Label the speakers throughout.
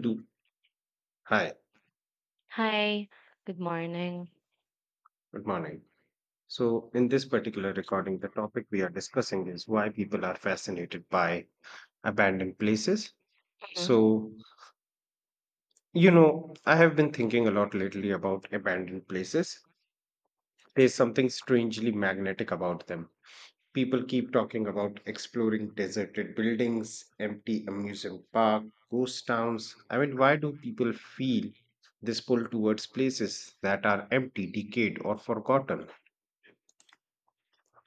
Speaker 1: Do. Hi,
Speaker 2: Hi, good morning.
Speaker 1: good morning. So, in this particular recording, the topic we are discussing is why people are fascinated by abandoned places.
Speaker 2: Mhm.
Speaker 1: So, I have been thinking a lot lately about abandoned places. There's something strangely magnetic about them. People keep talking about exploring deserted buildings, empty amusement park, ghost towns. I mean, why do people feel this pull towards places that are empty, decayed, or forgotten?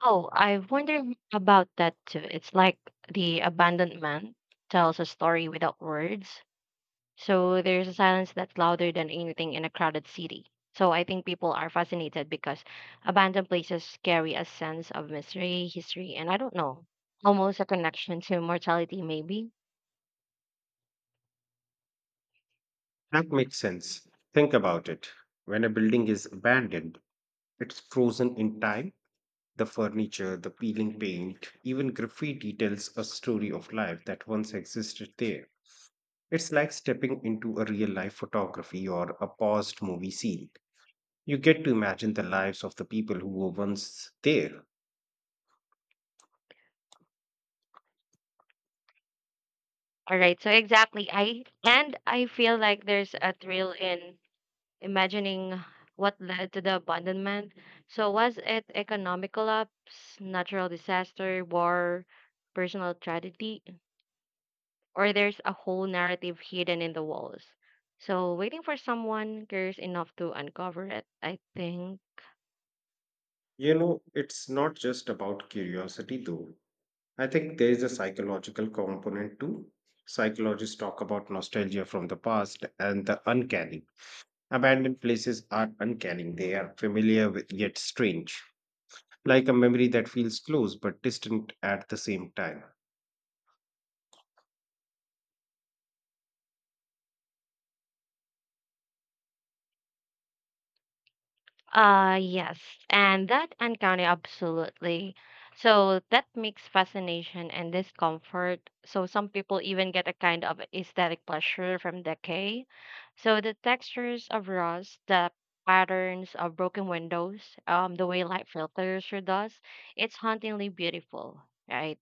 Speaker 2: Oh, I wonder about that too. It's like the abandoned man tells a story without words. So there's a silence that's louder than anything in a crowded city. So I think people are fascinated because abandoned places carry a sense of mystery, history, and I don't know, almost a connection to mortality, maybe.
Speaker 1: That makes sense. Think about it. When a building is abandoned, it's frozen in time. The furniture, the peeling paint, even graffiti tells a story of life that once existed there. It's like stepping into a real life photography or a paused movie scene. You get to imagine the lives of the people who were once there.
Speaker 2: All right, so exactly. I feel like there's a thrill in imagining what led to the abandonment. So, was it economic collapse, natural disaster, war, personal tragedy, or there's a whole narrative hidden in the walls? So, waiting for someone curious enough to uncover it, I think.
Speaker 1: You know, it's not just about curiosity though. I think there is a psychological component too. Psychologists talk about nostalgia from the past and the uncanny. Abandoned places are uncanny, they are familiar with, yet strange, like a memory that feels close but distant at the same time.
Speaker 2: Yes, and that encounter absolutely. So that makes fascination and discomfort. So some people even get a kind of aesthetic pleasure from decay. So the textures of rust, the patterns of broken windows, the way light filters through dust, it's hauntingly beautiful, right?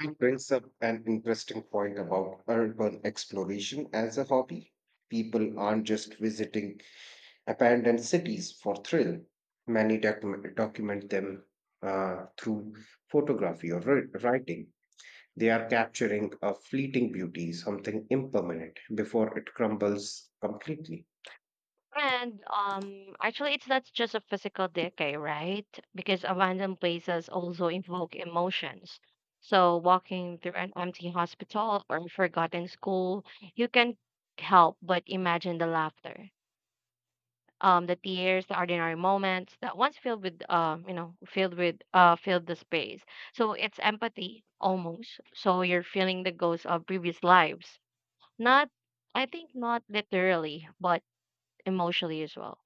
Speaker 1: It brings up an interesting point about urban exploration as a hobby. People aren't just visiting abandoned cities for thrill, many document them through photography or writing. They are capturing a fleeting beauty, something impermanent, before it crumbles completely.
Speaker 2: And actually, it's not just a physical decay, right? Because abandoned places also evoke emotions. So, walking through an empty hospital or a forgotten school, you can help but imagine the laughter, the tears, the ordinary moments that once filled with, filled with, filled the space. So it's empathy almost. So you're feeling the ghosts of previous lives, not, I think, not literally, but emotionally as well.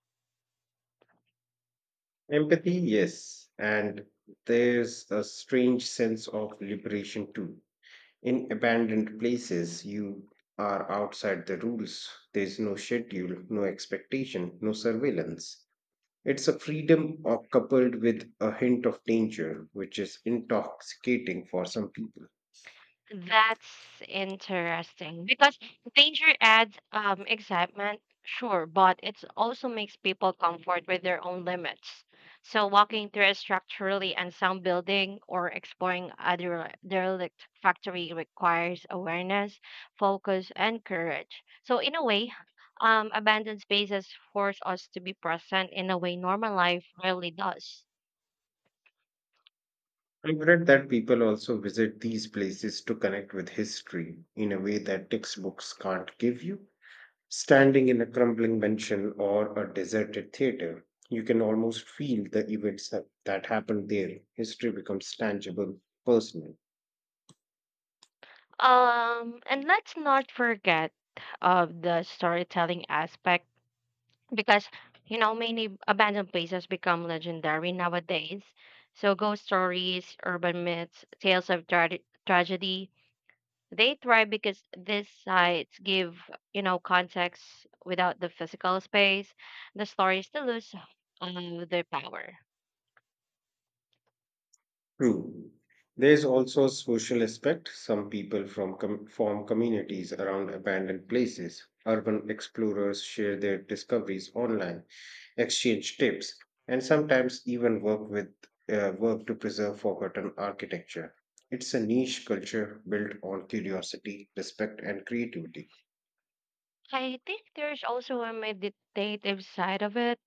Speaker 1: Empathy, yes. And there's a strange sense of liberation too. In abandoned places, you are outside the rules. There's no schedule, no expectation, no surveillance. It's a freedom or coupled with a hint of danger, which is intoxicating for some people.
Speaker 2: That's interesting because danger adds excitement, sure, but it also makes people comfort with their own limits. So, walking through a structurally unsound building or exploring a derelict factory requires awareness, focus, and courage. So, in a way, abandoned spaces force us to be present in a way normal life rarely does.
Speaker 1: I've read that people also visit these places to connect with history in a way that textbooks can't give you. Standing in a crumbling mansion or a deserted theater, you can almost feel the events that happened there. History becomes tangible, personal.
Speaker 2: And let's not forget of the storytelling aspect because you know many abandoned places become legendary nowadays, so ghost stories, urban myths, tales of tragedy, they thrive because these sites give, you know, context. Without the physical space the stories still lose their power.
Speaker 1: True. There is also social aspect. Some people form communities around abandoned places. Urban explorers share their discoveries online, exchange tips, and sometimes even work with work to preserve forgotten architecture. It's a niche culture built on curiosity, respect, and creativity.
Speaker 2: I think there's also a meditative side of it.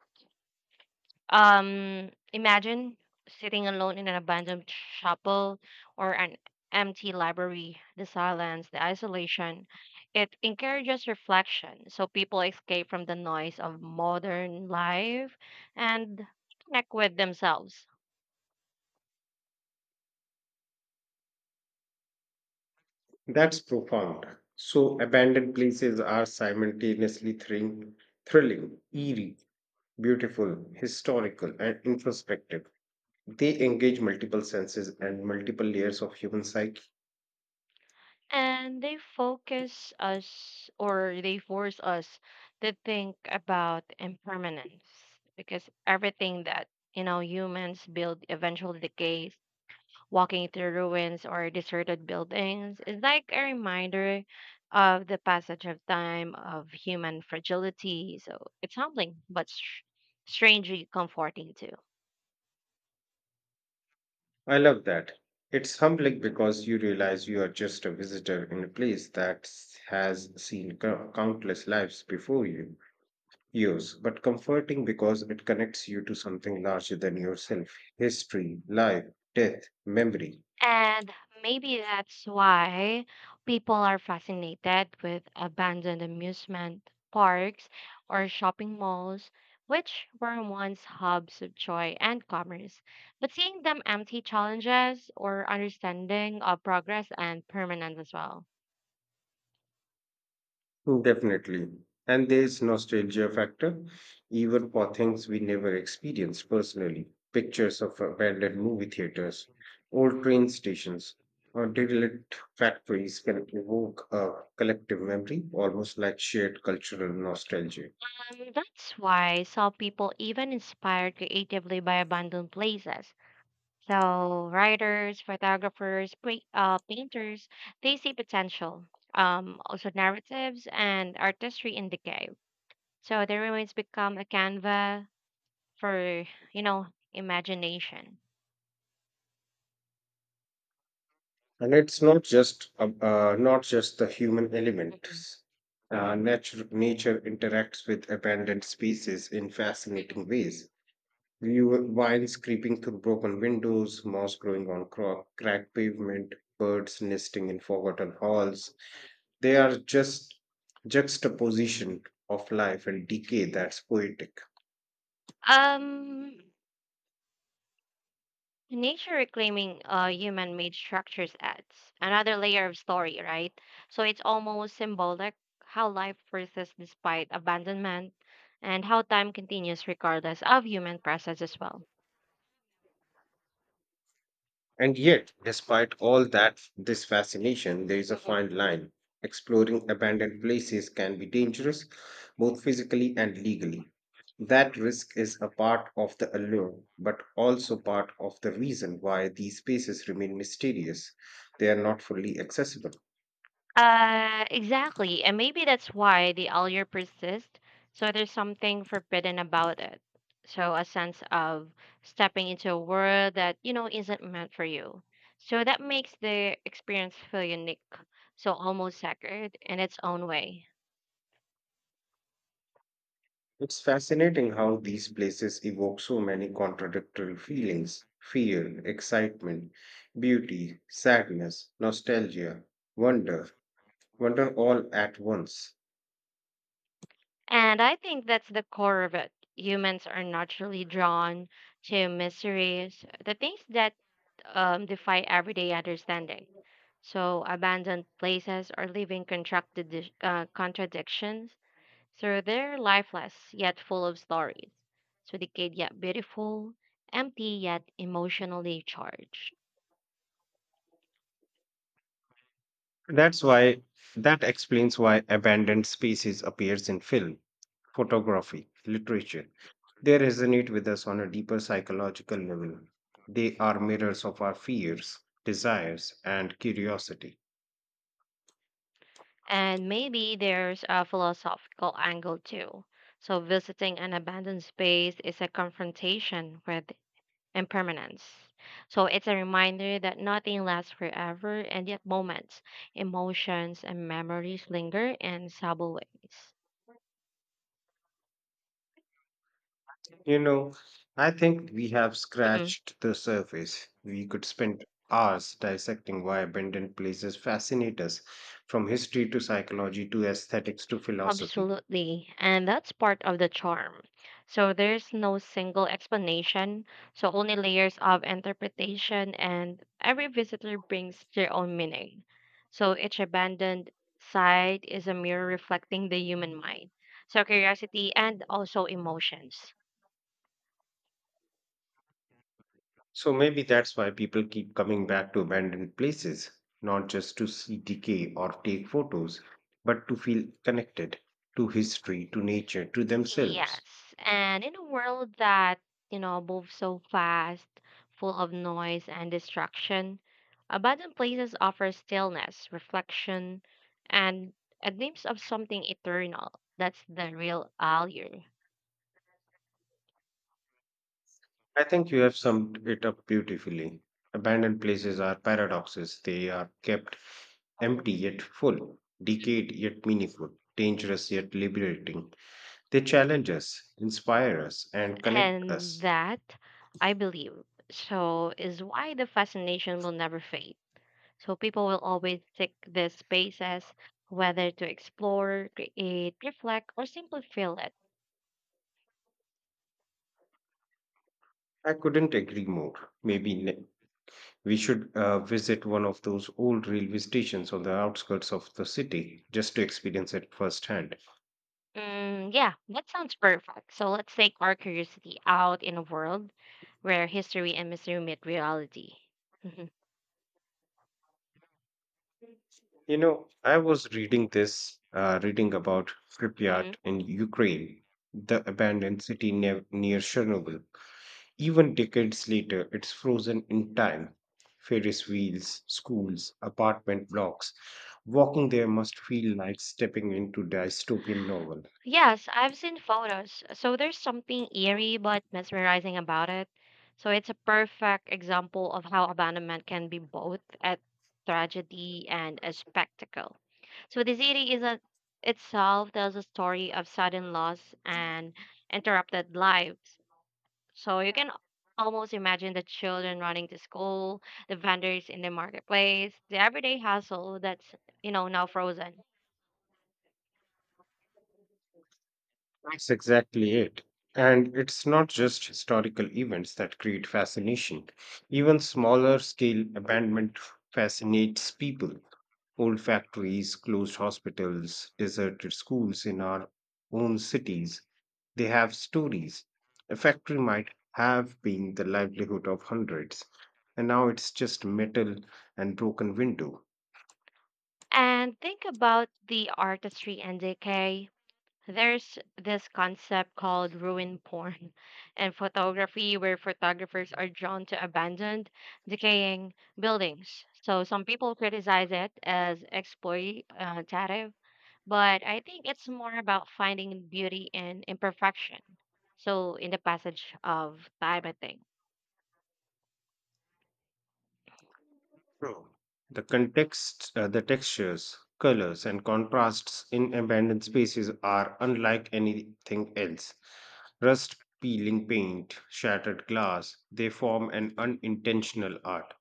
Speaker 2: Imagine sitting alone in an abandoned chapel or an empty library, the silence, the isolation. It encourages reflection, so people escape from the noise of modern life and connect with themselves.
Speaker 1: That's profound. So abandoned places are simultaneously thrilling, eerie, beautiful, historical, and introspective. They engage multiple senses and multiple layers of human psyche.
Speaker 2: And they focus us, or they force us to think about impermanence, because everything that, you know, humans build eventually decays. Walking through ruins or deserted buildings is like a reminder of the passage of time, of human fragility. So it's humbling, but strangely comforting too.
Speaker 1: I love that. It's humbling because you realize you are just a visitor in a place that has seen countless lives before you. Yours, but comforting because it connects you to something larger than yourself history, life, death, memory.
Speaker 2: And maybe that's why people are fascinated with abandoned amusement parks or shopping malls, which were once hubs of joy and commerce. But seeing them empty challenges or understanding of progress and permanence as well.
Speaker 1: Definitely. And there's nostalgia factor, even for things we never experienced personally. Pictures of abandoned movie theaters, old train stations, or derelict factories can evoke a collective memory, almost like shared cultural nostalgia.
Speaker 2: And that's why some people even inspired creatively by abandoned places. So writers, photographers, painters, they see potential. Also narratives and artistry in decay. So the ruins become a canvas for, you know, imagination.
Speaker 1: And it's not just not just the human
Speaker 2: Mhm.
Speaker 1: elements. Nature interacts with abandoned spaces in fascinating ways. View Wild creeping through broken windows, moss growing on cracked pavement, birds nesting in forgotten halls. They are just juxtaposition of life and decay that's poetic.
Speaker 2: Um, Nature reclaiming human made structures adds another layer of story, right? So it's almost symbolic how life persists despite abandonment, and how time continues regardless of human presence as well.
Speaker 1: And yet, despite all that, this fascination, there is a fine line. Exploring abandoned places can be dangerous, both physically and legally. That risk is a part of the allure, but also part of the reason why these spaces remain mysterious. They are not fully accessible.
Speaker 2: Exactly. And maybe that's why the allure persists. So there's something forbidden about it. So a sense of stepping into a world that, you know, isn't meant for you. So that makes the experience feel unique. So almost sacred in its own way.
Speaker 1: It's fascinating how these places evoke so many contradictory feelings fear, excitement, beauty, sadness, nostalgia, wonder. wonder all at once.
Speaker 2: And I think that's the core of it. Humans are naturally drawn to mysteries, the things that defy everyday understanding. So, abandoned places are living contradictions. So, they're lifeless yet full of stories. So, decayed yet beautiful, empty yet emotionally charged.
Speaker 1: That's why that explains why abandoned species appears in film, photography, literature. They resonate with us on a deeper psychological level. They are mirrors of our fears, desires, and curiosity.
Speaker 2: And maybe there's a philosophical angle too. So, visiting an abandoned space is a confrontation with impermanence. So, it's a reminder that nothing lasts forever, and yet moments, emotions, and memories linger in subtle ways.
Speaker 1: You know, I think we have
Speaker 2: Mhm.
Speaker 1: scratched the surface. We could spend hours dissecting why abandoned places fascinate us, from history to psychology to aesthetics to philosophy.
Speaker 2: Absolutely. And that's part of the charm. So there's no single explanation, so only layers of interpretation, and every visitor brings their own meaning. So each abandoned site is a mirror reflecting the human mind. So curiosity and also emotions.
Speaker 1: So maybe that's why people keep coming back to abandoned places, not just to see decay or take photos, but to feel connected to history, to nature, to themselves.
Speaker 2: Yes. And in a world that, you know, moves so fast, full of noise and distraction, abandoned places offer stillness, reflection, and a glimpse of something eternal. That's the real allure.
Speaker 1: I think you have summed it up beautifully. Abandoned places are paradoxes. They are kept empty yet full, decayed yet meaningful, dangerous yet liberating. They challenge us, inspire us, and connect
Speaker 2: And
Speaker 1: us.
Speaker 2: that, I believe, so is why the fascination will never fade. So people will always seek these spaces, whether to explore, create, reflect, or simply feel it.
Speaker 1: I couldn't agree more. Maybe ne- We should visit one of those old railway stations on the outskirts of the city just to experience it firsthand.
Speaker 2: Mm, yeah, that sounds perfect. So let's take our curiosity out in a world where history and mystery meet reality. Mhm.
Speaker 1: You know, I was reading about Pripyat
Speaker 2: Mhm.
Speaker 1: in Ukraine, the abandoned city near Chernobyl. Even decades later, it's frozen in time. Ferris wheels, schools, apartment blocks. Walking there must feel like stepping into dystopian novel.
Speaker 2: Yes, I've seen photos. So there's something eerie but mesmerizing about it. So it's a perfect example of how abandonment can be both a tragedy and a spectacle. So the city is a, itself tells a story of sudden loss and interrupted lives. So you can almost imagine the children running to school, the vendors in the marketplace, the everyday hustle that's, you know, now frozen.
Speaker 1: That's exactly it. And it's not just historical events that create fascination. Even smaller scale abandonment fascinates people. Old factories, closed hospitals, deserted schools in our own cities. They have stories. A factory might have been the livelihood of hundreds, and now it's just metal and broken window.
Speaker 2: And think about the artistry and decay. There's this concept called ruin porn and photography, where photographers are drawn to abandoned, decaying buildings. So some people criticize it as exploitative, but I think it's more about finding beauty in imperfection. So, in the passage of time, I think.
Speaker 1: True. The the textures, colors, and contrasts in abandoned spaces are unlike anything else. Rust, peeling paint, shattered glass, they form an unintentional art.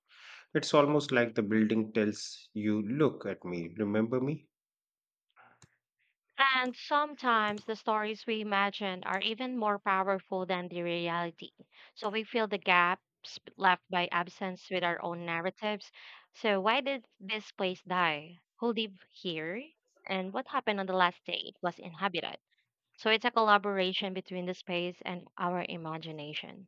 Speaker 1: It's almost like the building tells you, "Look at me, remember me?"
Speaker 2: And sometimes the stories we imagine are even more powerful than the reality. So, we fill the gaps left by absence with our own narratives. So, why did this place die? Who lived here? And what happened on the last day it was inhabited? So, it's a collaboration between the space and our imagination.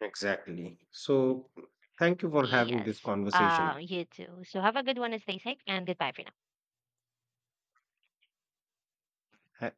Speaker 1: Exactly. So, thank you for having this
Speaker 2: Yes.
Speaker 1: conversation.
Speaker 2: You too. So have a good one and stay safe, and goodbye for now.
Speaker 1: Ha-